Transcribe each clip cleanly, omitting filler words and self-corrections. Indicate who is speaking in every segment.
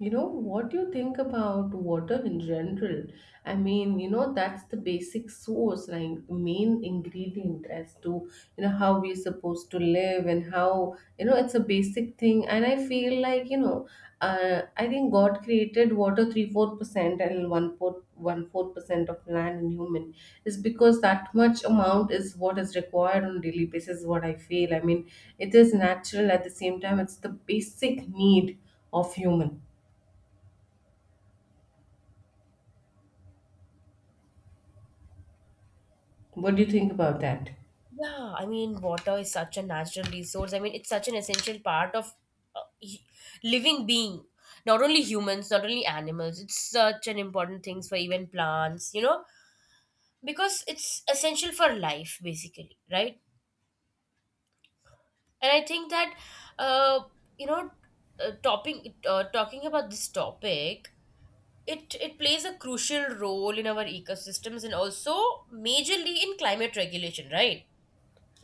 Speaker 1: What do you think about water in general? I mean, that's the basic source, like the main ingredient as to, how we're supposed to live, and how, it's a basic thing. And I feel like, I think God created water three fourth percent and one fourth percent of land, and human is because that much amount is what is required on a daily basis, is what I feel. I mean, it is natural. At the same time, it's the basic need of human. What do you think about that?
Speaker 2: Yeah, I mean, water is such a natural resource. I mean, it's such an essential part of living being. Not only humans, not only animals. It's such an important thing for even plants, because it's essential for life, basically, right? And I think that, uh, you know, talking about this topic, it plays a crucial role in our ecosystems and also majorly in climate regulation, right?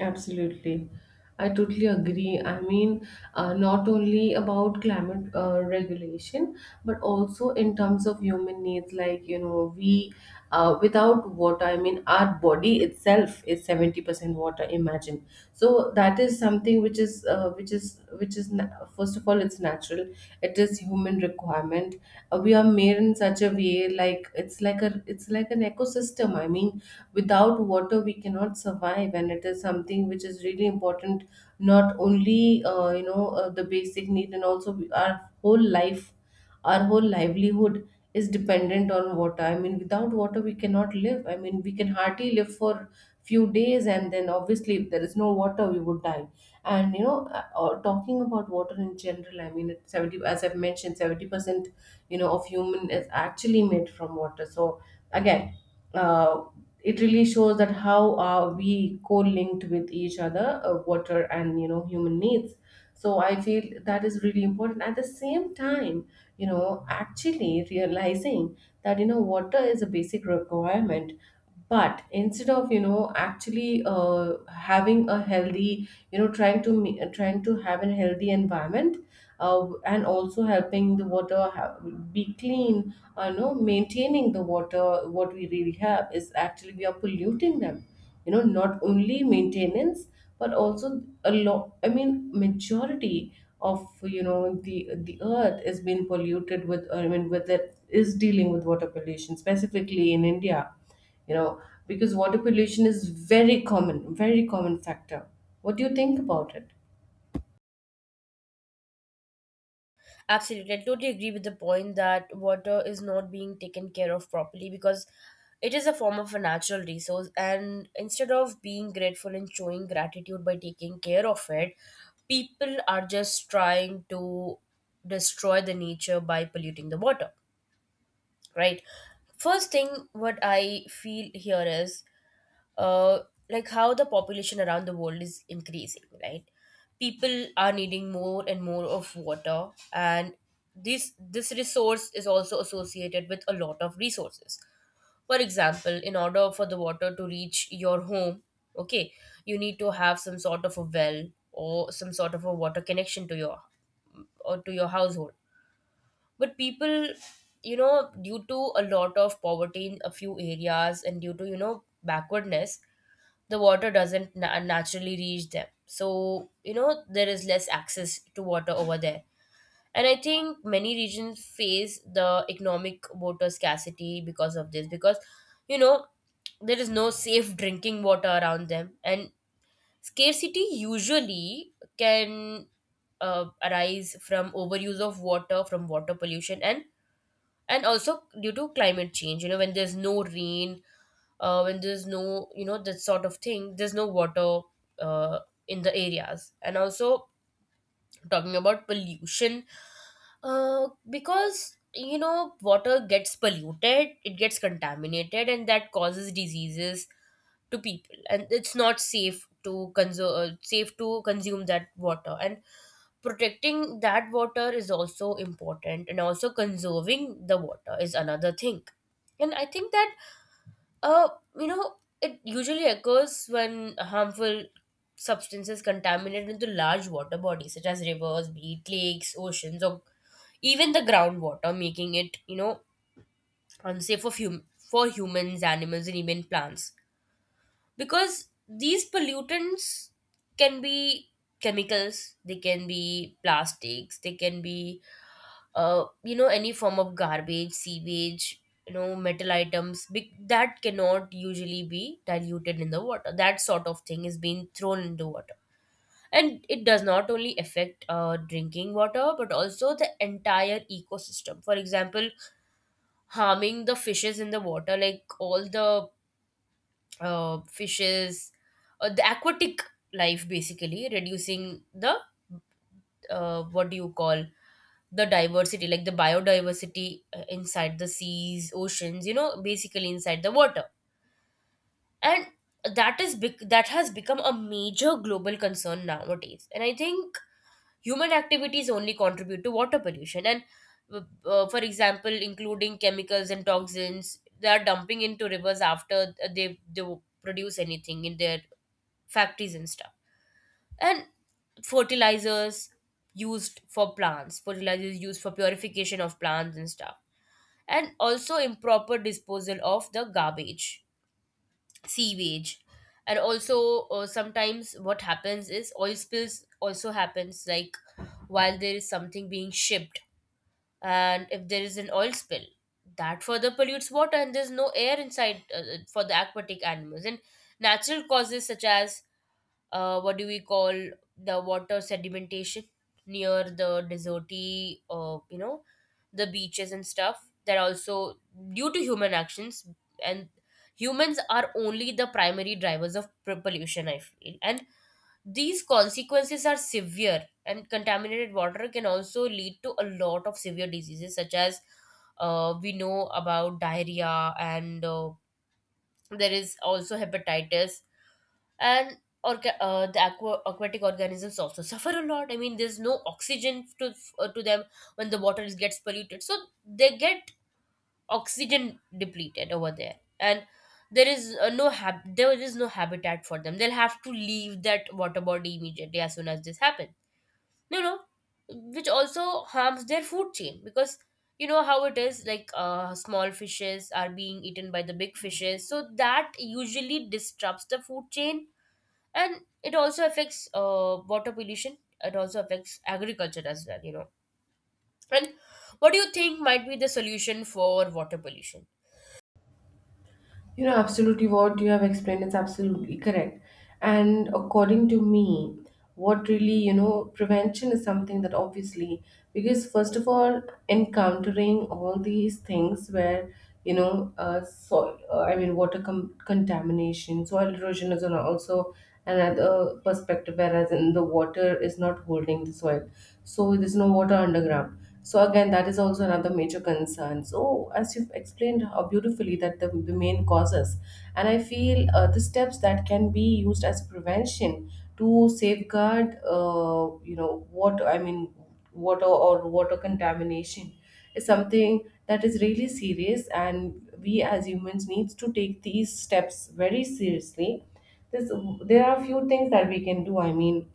Speaker 1: Absolutely. I totally agree. I mean, not only about climate regulation, but also in terms of human needs. Like, we, without water, I mean, our body itself is 70% water, imagine. So that is something which is, first of all, it's natural. It is human requirement. We are made in such a way, like, it's like an ecosystem. I mean, without water we cannot survive, and it is something which is really important, not only the basic need, and also our whole livelihood is dependent on water. I mean, without water we cannot live. I mean, we can hardly live for few days, and then obviously if there is no water we would die. And talking about water in general, I mean, it's 70, as I've mentioned, 70%, of human is actually made from water. So again, uh, it really shows that how are we co-linked with each other, water and human needs. So I feel that is really important. At the same time, actually realizing that water is a basic requirement, but instead of actually having a healthy, trying to trying to have a healthy environment, and also helping the water be clean, maintaining the water, what we really have is, actually we are polluting them. Not only maintenance, but also a lot, I mean, majority of the earth is being polluted with, I mean, with, it is dealing with water pollution, specifically in India. you know because water pollution is very common, very common factor. What do you think about it?
Speaker 2: Absolutely. I totally agree with the point that water is not being taken care of properly because it is a form of a natural resource. And instead of being grateful and showing gratitude by taking care of it, people are just trying to destroy the nature by polluting the water, right? First thing, what I feel here is uh, like how the population around the world is increasing, right? People are needing more and more of water, and this resource is also associated with a lot of resources. For example, in order for the water to reach your home, okay, you need to have some sort of a well or some sort of a water connection to your or to your household. But people, due to a lot of poverty in a few areas and due to backwardness, the water doesn't naturally reach them. So you know there is less access to water over there, and I think many regions face the economic water scarcity because of this. Because you know there is no safe drinking water around them, and scarcity usually can arise from overuse of water, from water pollution, and also due to climate change. You know, when there's no rain, when there's no, that sort of thing, there's no water uh, in the areas. And also, talking about pollution, because, water gets polluted, it gets contaminated, and that causes diseases to people, and it's not safe to consume that water. And protecting that water is also important, and also conserving the water is another thing. And I think that, uh, you know, it usually occurs when harmful substances contaminate into large water bodies such as rivers, be it lakes, oceans, or even the groundwater, making it unsafe for for humans, animals, and even plants. Because these pollutants can be chemicals, they can be plastics, they can be any form of garbage, sewage, metal items big, that cannot usually be diluted in the water, that sort of thing is being thrown into water. And it does not only affect drinking water, but also the entire ecosystem. For example, harming the fishes in the water, like all the fishes, the aquatic life, basically reducing the, what do you call, the diversity, like the biodiversity inside the seas, oceans, you know, basically inside the water. And that has become a major global concern nowadays, and I think human activities only contribute to water pollution. And, for example, including chemicals and toxins they are dumping into rivers after they produce anything in their factories and stuff, and fertilizers used for plants, fertilizers used for purification of plants and stuff, and also improper disposal of the garbage, sewage. And also, sometimes what happens is oil spills also happens, like while there is something being shipped, and if there is an oil spill, that further pollutes water, and there's no air inside for the aquatic animals. And natural causes such as, what do we call, the water sedimentation near the deserty, the beaches and stuff, that also due to human actions. And humans are only the primary drivers of pollution, I feel. And these consequences are severe, and contaminated water can also lead to a lot of severe diseases, such as, we know about diarrhea, and there is also hepatitis. And, or the aquatic organisms also suffer a lot. I mean, there's no oxygen to, to them when the water gets polluted. So they get oxygen depleted over there, and there is no habitat for them. They'll have to leave that water body immediately as soon as this happens, you know, which also harms their food chain. Because you know how it is, like, small fishes are being eaten by the big fishes, so that usually disrupts the food chain. And it also affects, water pollution, it also affects agriculture as well, and what do you think might be the solution for water pollution?
Speaker 1: Absolutely what you have explained is absolutely correct. And according to me, what really, prevention is something that obviously, because first of all, encountering all these things where, soil, I mean, water contamination, soil erosion is on also another perspective, whereas in the water is not holding the soil. So there's no water underground. So again, that is also another major concern. So as you've explained how beautifully that the main causes, and I feel the steps that can be used as prevention to safeguard, water. I mean, water or water contamination is something that is really serious, and we as humans needs to take these steps very seriously. This, there are a few things that we can do. I mean,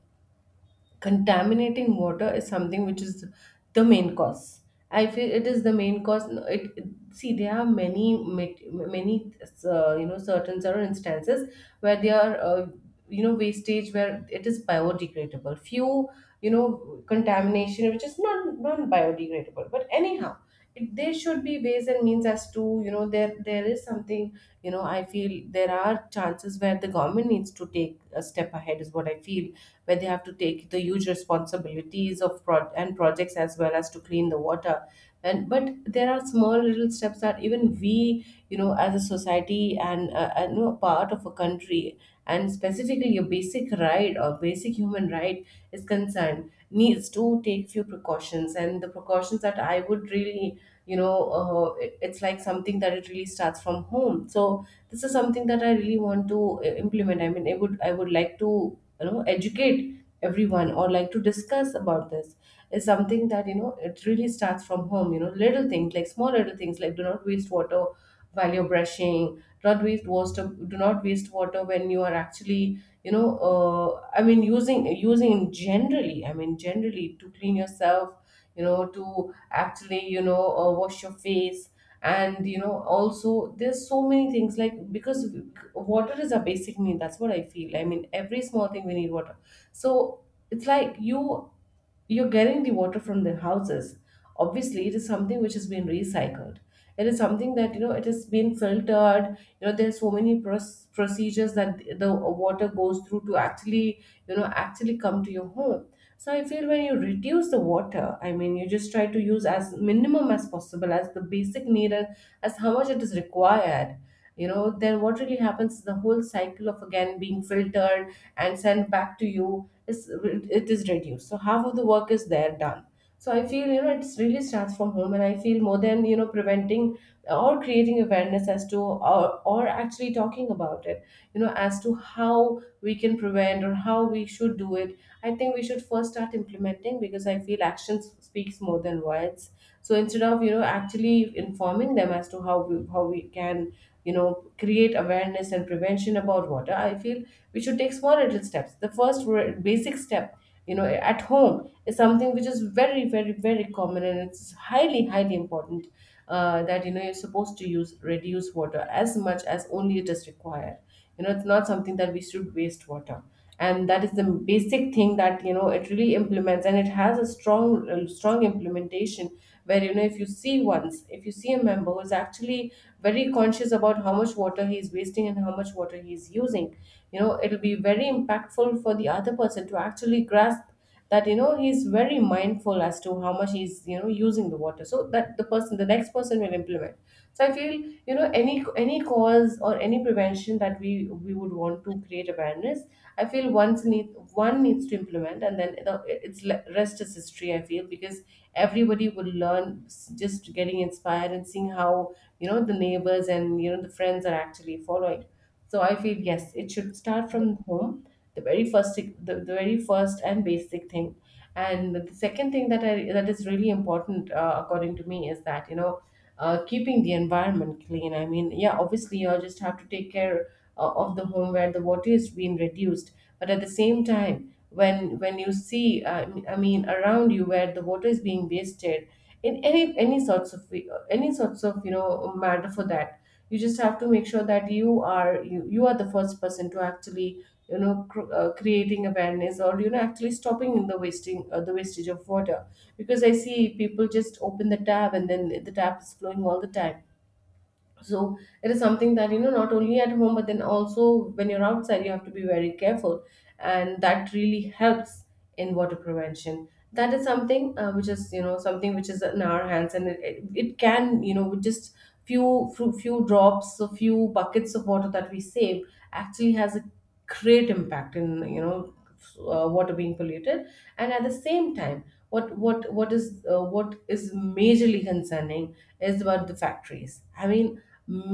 Speaker 1: contaminating water is something which is the main cause. I feel it is the main cause. No, see there are many, many, certain instances where they are, wastage where it is biodegradable, few, contamination which is not biodegradable. But anyhow, there should be ways and means as to, there is something, I feel there are chances where the government needs to take a step ahead, is what I feel, where they have to take the huge responsibilities of and projects as well, as to clean the water. And but there are small little steps that even we, as a society, and and part of a country and specifically your basic right or basic human right is concerned, needs to take few precautions. And the precautions that I would really, it's like something that it really starts from home. So this is something that I really want to implement. I mean, I would like to educate everyone, or like to discuss about this, is something that it really starts from home. Little things, like small little things, like, do not waste water while you're brushing. Do not waste water. Do not waste water when you are actually, I mean, using generally, I mean, generally to clean yourself, to actually, wash your face. And also there's so many things like, because water is a basic need, that's what I feel, I mean, every small thing we need water. So it's like you're getting the water from the houses. Obviously, it is something which has been recycled. It is something that it has been filtered. There's so many procedures that the water goes through to actually, actually come to your home. So I feel when you reduce the water, I mean, you just try to use as minimum as possible, as the basic need, and as how much it is required. Then what really happens is the whole cycle of again being filtered and sent back to you is, it is reduced. So half of the work is there done. So I feel it really starts from home, and I feel more than preventing or creating awareness as to, or actually talking about it. As to how we can prevent or how we should do it, I think we should first start implementing, because I feel actions speaks more than words. So instead of actually informing them as to how we can, create awareness and prevention about water, I feel we should take small little steps. The first basic step, at home, is something which is very, very, very common, and it's highly, highly important, that you're supposed to use, reduce water as much as only it is required. It's not something that we should waste water. And that is the basic thing that it really implements, and it has a strong implementation where, if you see a member who's actually very conscious about how much water he is wasting and how much water he is using, it'll be very impactful for the other person to actually grasp that he's very mindful as to how much he's, using the water, so that the next person will implement. So I feel, any cause or any prevention that we would want to create awareness, I feel once need one needs to implement, and then rest is history, I feel, because everybody will learn, just getting inspired and seeing how, the neighbors, and the friends are actually following. So I feel, yes, it should start from home, the very first, the very first and basic thing. And the second thing that I that is really important, according to me, is that, keeping the environment clean. I mean, yeah, obviously you just have to take care of the home where the water is being reduced. But at the same time, when you see, I mean, around you where the water is being wasted in any sorts of you know matter for that, you just have to make sure that you are the first person to actually you know creating awareness, or you know actually stopping the wasting the wastage of water, because I see people just open the tap and then the tap is flowing all the time. So it is something that you know not only at home but then also when you're outside, you have to be very careful, and that really helps in water prevention. That is something which is you know something which is in our hands, and it can you know with just few drops, a few buckets of water that we save, actually has a great impact in you know water being polluted. And at the same time, what is majorly concerning is about the factories. I mean,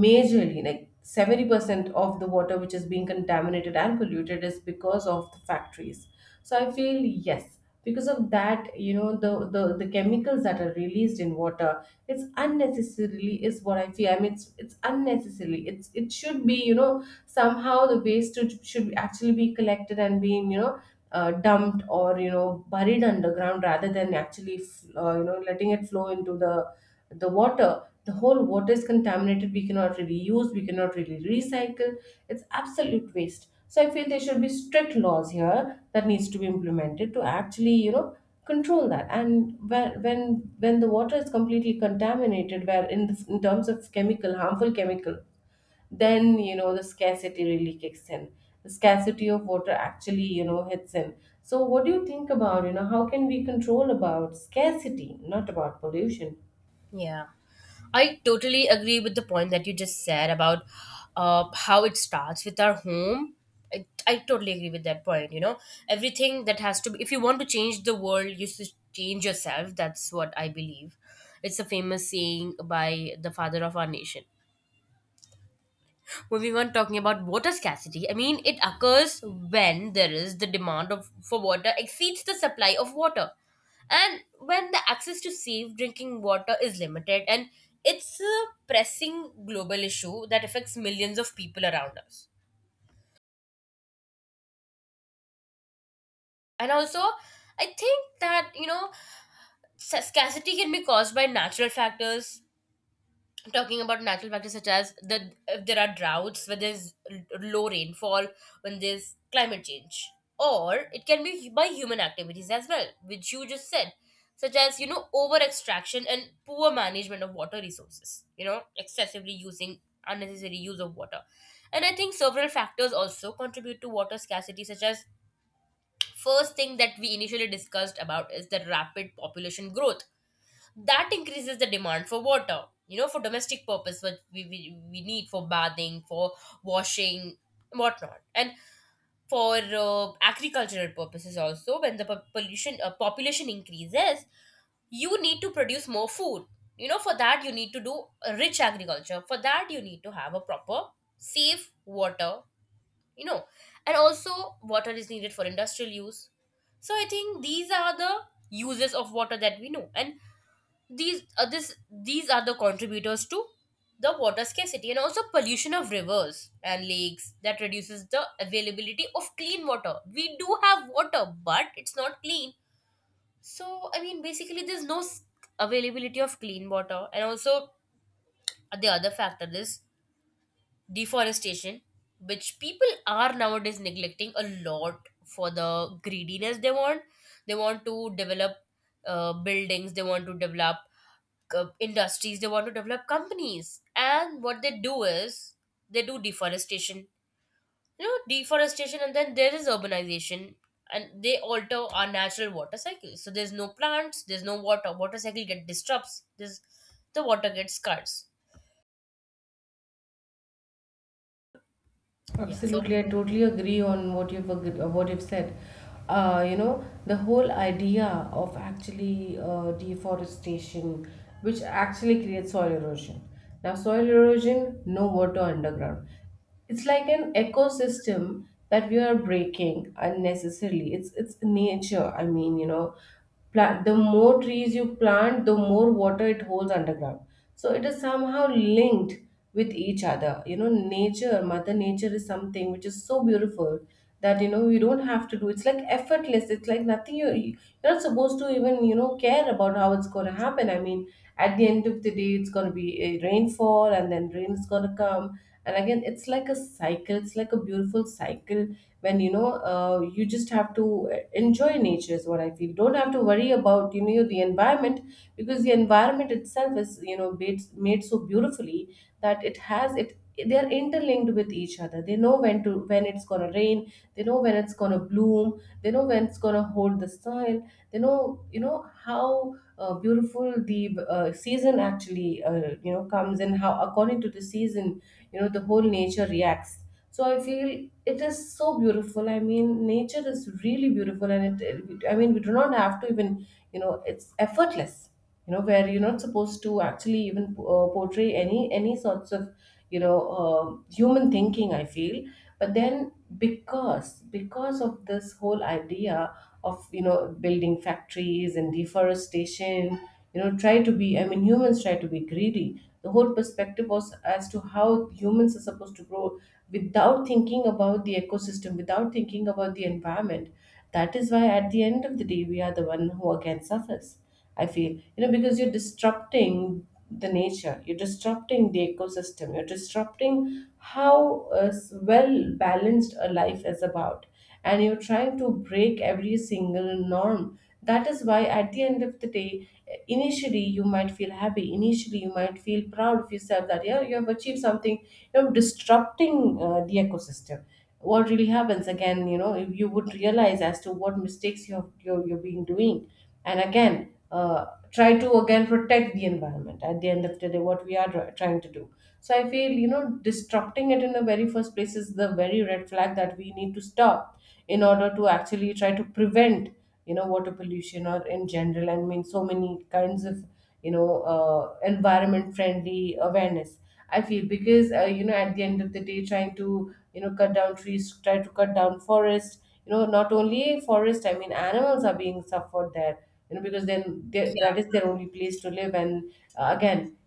Speaker 1: majorly like 70% of the water which is being contaminated and polluted is because of the factories. So I feel, yes, because of that, you know, the chemicals that are released in water, it's unnecessarily is what I feel. I mean, it's unnecessarily, it should be you know somehow the waste should actually be collected and being you know dumped or you know buried underground, rather than actually you know letting it flow into the water. The whole water is contaminated, we cannot really use, we cannot really recycle. It's absolute waste. So I feel there should be strict laws here that needs to be implemented to actually you know control that. And when the water is completely contaminated where in terms of chemical harmful chemical, then you know the scarcity really kicks in. The scarcity of water actually you know hits in. So what do you think about, you know, how can we control about scarcity, not about pollution?
Speaker 2: Yeah, I totally agree with the point that you just said about, how it starts with our home. I totally agree with that point. Everything that has to be, if you want to change the world, you should change yourself. That's what I believe. It's a famous saying by the father of our nation. Moving on, talking about water scarcity, I mean, it occurs when there is the demand for water exceeds the supply of water, and when the access to safe drinking water is limited, and it's a pressing global issue that affects millions of people around us. And also, I think that, scarcity can be caused by natural factors, talking about natural factors such as, the if there are droughts where there's low rainfall, when there's climate change, or it can be by human activities as well, which you just said, such as, over extraction and poor management of water resources, excessively using, unnecessary use of water. And I think several factors also contribute to water scarcity, such as, first thing that we initially discussed about is the rapid population growth that increases the demand for water, for domestic purpose, what we need for bathing, for washing, whatnot, and for agricultural purposes also. When the po- pollution population increases, you need to produce more food. You know, for that you need to do a rich agriculture, for that you need to have a proper safe water you know and also water is needed for industrial use. So I think these are the uses of water that we know, and these are the contributors to the water scarcity. And also, pollution of rivers and lakes that reduces the availability of clean water. We do have water, but it's not clean, so I mean, basically there's no availability of clean water. And also, the other factor is deforestation, which people are nowadays neglecting a lot for the greediness. They want to develop buildings, they want to develop industries, they want to develop companies. And what they do is they do deforestation you know deforestation, and then there is urbanization, and they alter our natural water cycle. So there's no plants, there's no water, water cycle get disrupts this, the water gets scarce. Yeah. So.
Speaker 1: Absolutely, I totally agree on what you've said. You know, the whole idea of actually deforestation, which actually creates soil erosion. Now, soil erosion, no water underground. It's like an ecosystem that we are breaking unnecessarily. It's nature. I mean, you know, the more trees you plant, the more water it holds underground. So it is somehow linked with each other, you know. Nature, mother nature is something which is so beautiful that you know you don't have to do. It's like effortless, it's like nothing. You're not supposed to even you know care about how it's going to happen. I mean, at the end of the day it's going to be a rainfall, and then rain is going to come. And again, it's like a cycle, it's like a beautiful cycle when you know you just have to enjoy nature is what I feel. Don't have to worry about you know the environment, because the environment itself is you know made so beautifully that it has it they are interlinked with each other. They know when it's going to rain, they know when it's going to bloom, they know when it's going to hold the soil. They know you know how beautiful the season actually you know comes, and how according to the season you know the whole nature reacts. So I feel it is so beautiful. I mean, nature is really beautiful, and I mean we do not have to even you know, it's effortless. You know, where you're not supposed to actually even portray any sorts of you know human thinking, I feel. But then because of this whole idea of you know building factories and deforestation, you know, try to be I mean humans try to be greedy. The whole perspective was as to how humans are supposed to grow, without thinking about the ecosystem, without thinking about the environment. That is why at the end of the day we are the one who again suffers, I feel, you know, because you're disrupting the nature, you're disrupting the ecosystem, you're disrupting how well balanced a life is about, and you're trying to break every single norm. That is why, at the end of the day, initially you might feel happy, initially you might feel proud of yourself that, yeah, you have achieved something, you know, disrupting the ecosystem. What really happens again, you know, if you would realize as to what mistakes you're being doing, and again try to again protect the environment, at the end of the day what we are trying to do. So I feel, you know, disrupting it in the very first place is the very red flag that we need to stop in order to actually try to prevent, you know, water pollution, or in general, I mean, so many kinds of you know environment friendly awareness, I feel, because you know at the end of the day trying to, you know, cut down trees, try to cut down forest. You know, not only forest, I mean animals are being suffered there, you know, because then that is their only place to live. And again,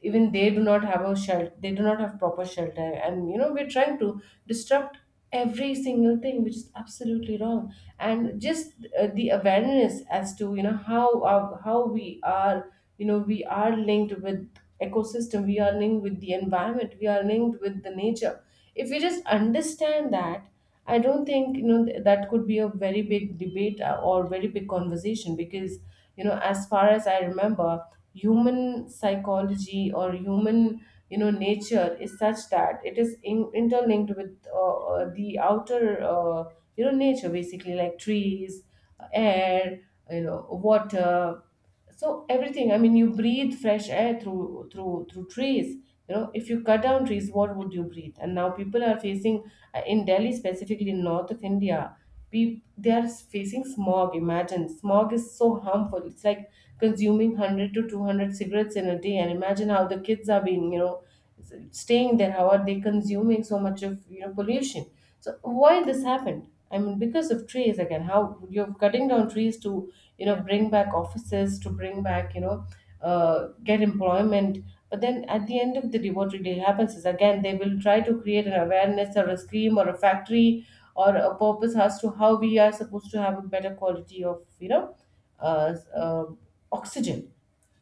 Speaker 1: even they do not have a shelter, they do not have proper shelter, and you know we're trying to disrupt every single thing, which is absolutely wrong. And just the awareness as to you know how we are you know we are linked with ecosystem, we are linked with the environment, we are linked with the nature. If we just understand that, I don't think you know that could be a very big debate or very big conversation, because you know as far as I remember, human psychology or human, you know, nature is such that it is interlinked with the outer, you know, nature, basically like trees, air, you know, water. So everything, I mean, you breathe fresh air through trees. You know, if you cut down trees, what would you breathe? And now people are facing, in Delhi, specifically in north of India, peop they are facing smog. Imagine, smog is so harmful, it's like consuming 100 to 200 cigarettes in a day, and imagine how the kids are being, you know, s- staying there. How are they consuming so much of you know pollution? So why this happened? I mean, because of trees. Again, how you're cutting down trees to, you
Speaker 2: Yeah,
Speaker 1: know,
Speaker 2: yeah.
Speaker 1: bring back offices, to bring back, you know, get employment. But then at the end of the day what really happens is, again they will try to create an awareness or a scheme or a factory or a purpose as to how we are supposed to have a better quality of, you know, uh, uh, oxygen.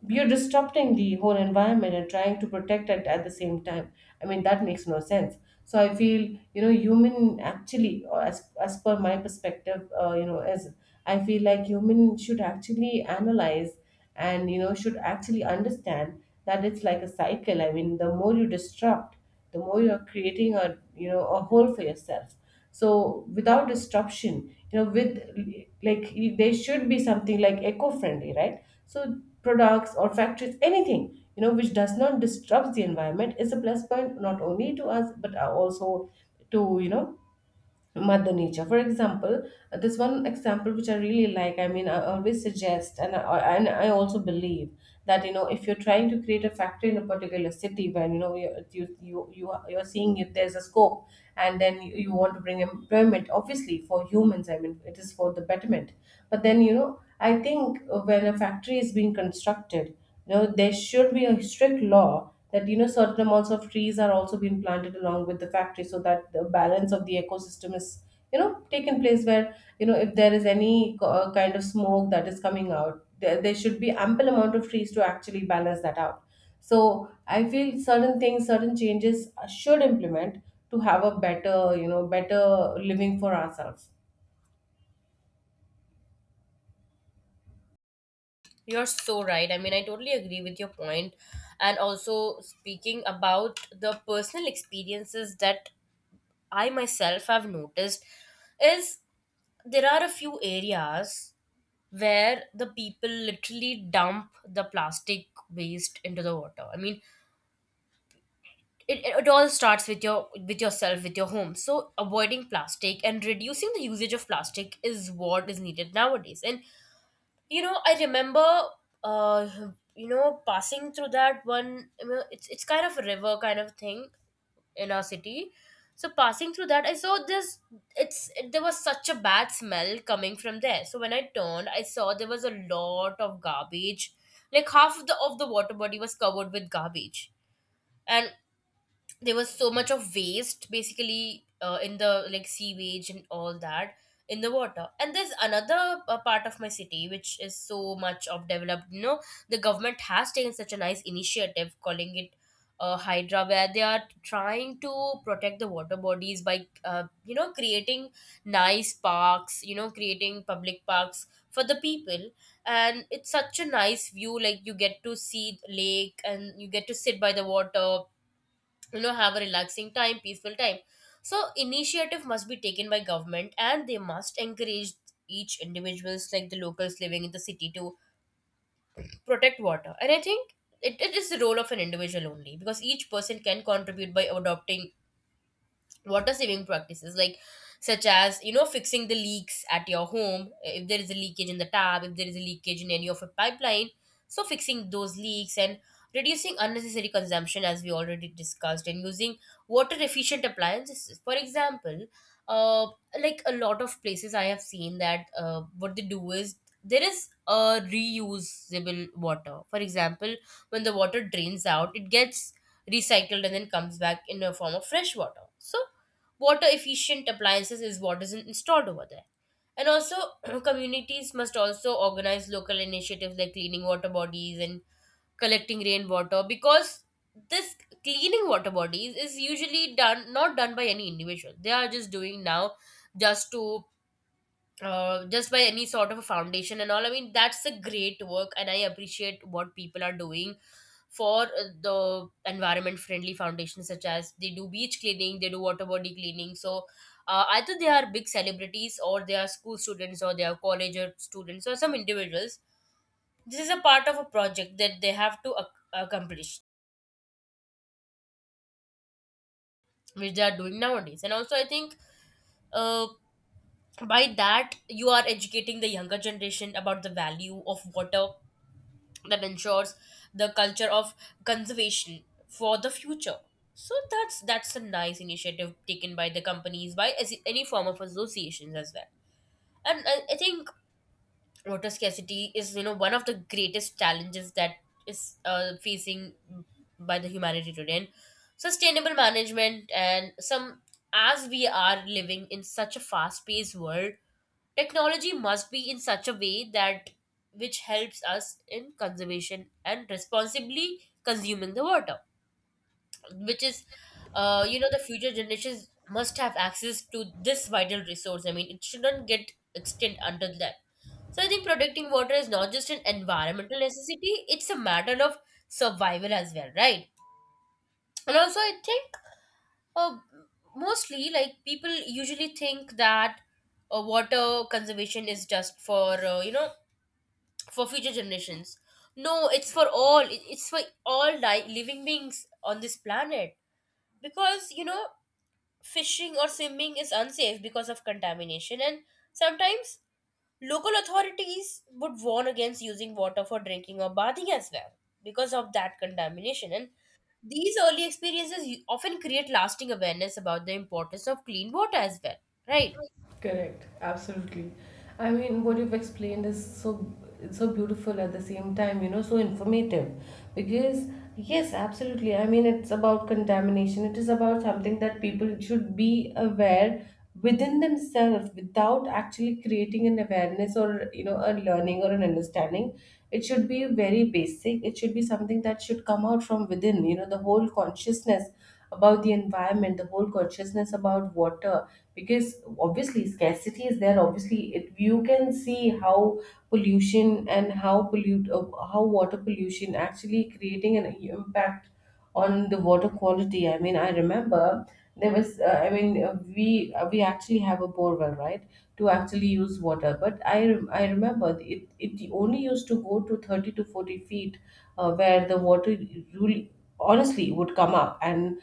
Speaker 1: You're disrupting the whole environment and trying to protect it at the same time. I mean, that makes no sense. So I feel, you know, human actually, or as per my perspective, you know, as I feel like human should actually analyze, and you know should actually understand that it's like a cycle. I mean, the more you disrupt, the more you're creating a, you know, a hole for yourself. So without disruption, you know, with, like, there should be something like eco-friendly, right? So products or factories, anything, you know, which does not disrupt the environment, is a plus point not only to us but also to, you know, mother nature. For example, this one example which I really like, I mean, I always suggest, and I also believe that you know if you're trying to create a factory in a particular city, when you know you're seeing if there's a scope, and then you want to bring employment, obviously for humans. I mean, it is for the betterment. But then, you know, I think, when a factory is being constructed, you know, there should be a strict law that, you know, certain amounts of trees are also being planted along with the factory, so that the balance of the ecosystem is, you know, taken place, where you know, if there is any kind of smoke that is coming out there, there should be ample amount of trees to actually balance that out. So I feel certain things, certain changes should implement to have a better you know better living for ourselves.
Speaker 2: You're so right. I mean, I totally agree with your point. And also, speaking about the personal experiences that I myself have noticed, is there are a few areas where the people literally dump the plastic waste into the water. I mean, it all starts with your, with yourself, with your home. So avoiding plastic and reducing the usage of plastic is what is needed nowadays. And, I remember, uh passing through that one, it's kind of a river kind of thing in our city. So passing through that I saw this. There was such a bad smell coming from there, so when I turned, I saw there was a lot of garbage, like half of the water body was covered with garbage. And there was so much of waste basically, in the, like, sewage and all that in the water. And there's another part of my city which is so much of developed. The government has taken such a nice initiative, calling it Hydra, where they are trying to protect the water bodies by, creating nice parks, creating public parks for the people. And it's such a nice view, like you get to see the lake and you get to sit by the water, have a relaxing time, peaceful time. So initiative must be taken by government, and they must encourage each individuals, like the locals living in the city, to protect water. And I think it is the role of an individual only, because each person can contribute by adopting water saving practices, like, such as, fixing the leaks at your home, if there is a leakage in the tap, if there is a leakage in any of a pipeline. So fixing those leaks and reducing unnecessary consumption, as we already discussed, and using water efficient appliances. For example, uh, like a lot of places I have seen, that what they do is, there is a reusable water. For example, when the water drains out, it gets recycled and then comes back in a form of fresh water. So water efficient appliances is what is installed over there. And also, communities must also organize local initiatives like cleaning water bodies and collecting rainwater. Because this, cleaning water bodies is usually done, not done by any individual. They are just doing now, just to just by any sort of a foundation and all. I mean, that's a great work, and I appreciate what people are doing for, the environment friendly foundations, such as they do beach cleaning, they do water body cleaning. So, either they are big celebrities, or they are school students, or they are college or students, or some individuals. This is a part of a project that they have to accomplish, which they are doing nowadays. And also, I think. Uh, by that you are educating the younger generation about the value of water, that ensures the culture of conservation for the future. So that's a nice initiative taken by the companies, by any form of associations as well. And I think water scarcity is, one of the greatest challenges that is facing by the humanity today, and sustainable management and some. As we are living in such a fast paced world, technology must be in such a way that which helps us in conservation and responsibly consuming the water, which is, the future generations must have access to this vital resource. I mean, it shouldn't get extinct until them. So I think protecting water is not just an environmental necessity; it's a matter of survival as well, right? And also, I think, uh, mostly, like, people usually think that water conservation is just for, for future generations. No, it's for all. It's for all living beings on this planet. Because, fishing or swimming is unsafe because of contamination, and sometimes local authorities would warn against using water for drinking or bathing as well because of that contamination. And these early experiences often create lasting awareness about the importance of clean water as well, right?
Speaker 1: Correct, absolutely. I mean, what you've explained is so it's so beautiful at the same time, you know, so informative. Because, yes, absolutely. I mean, it's about contamination. It is about something that people should be aware within themselves without actually creating an awareness, or you know, a learning or an understanding. It should be very basic. It should be something that should come out from within. You know, the whole consciousness about the environment, the whole consciousness about water, because obviously scarcity is there. Obviously, you can see how pollution and how pollute how water pollution actually creating an impact on the water quality. I mean, I remember there was I mean, we actually have a borewell, right, to actually use water, but I remember it only used to go to 30 to 40 feet, where the water really honestly would come up. And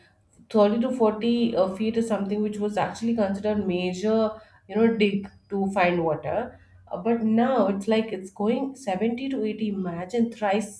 Speaker 1: 30 to 40 feet is something which was actually considered major, you know, dig to find water. But now it's like it's going 70 to 80, imagine thrice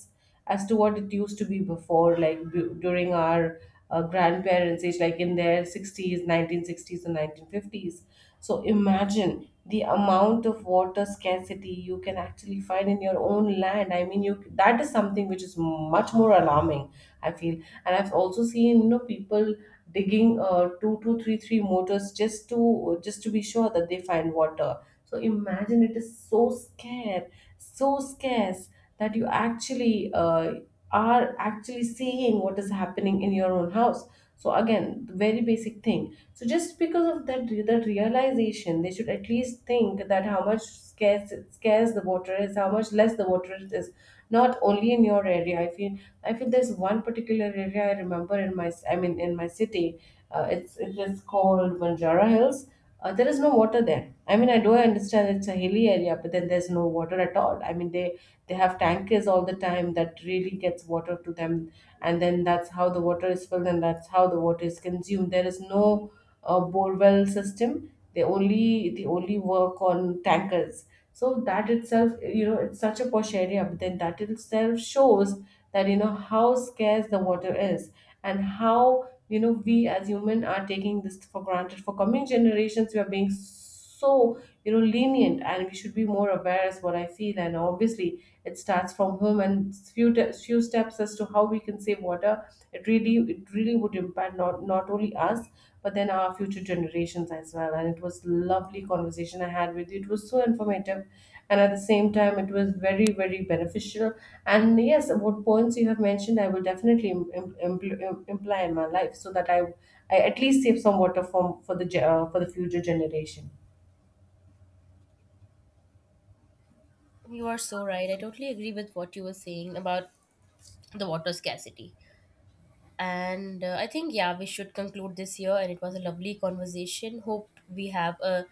Speaker 1: as to what it used to be before, like during our grandparents age, like in their 60s, 1960s and 1950s. So imagine the amount of water scarcity you can actually find in your own land. I mean, you that is something which is much more alarming, I feel. And I've also seen, you know, people digging, 2, 2, 3, 3 motors, just to be sure that they find water. So imagine, it is so scarce, so scarce that you actually are actually seeing what is happening in your own house. So again, the very basic thing, so just because of that realization, they should at least think that how much scarce, scarce the water is, how much less the water it is, not only in your area. If there's one particular area I remember I mean, in my city, it is called Banjara Hills. There is no water there. I mean, I do understand it's a hilly area, but then there's no water at all. I mean, they have tankers all the time that really gets water to them, and then that's how the water is filled, and that's how the water is consumed. There is no borewell system. They only work on tankers. So that itself, you know, it's such a posh area, but then that itself shows that, you know, how scarce the water is, and how, you know, we as human are taking this for granted for coming generations. We are being so, you know, lenient, and we should be more aware is what I feel. And obviously it starts from home, and few few steps as to how we can save water. It really, would impact not only us but then our future generations as well. And it was lovely conversation I had with you, it was so informative, and at the same time it was very very beneficial. And yes, what points you have mentioned, I will definitely imply in my life, so that I at least save some water for the future generation.
Speaker 2: You are so right. I totally agree with what you were saying about the water scarcity. And I think, yeah, we should conclude this here. And it was a lovely conversation. Hope we have a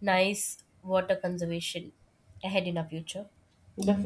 Speaker 2: nice water conservation ahead in our future.
Speaker 1: Definitely.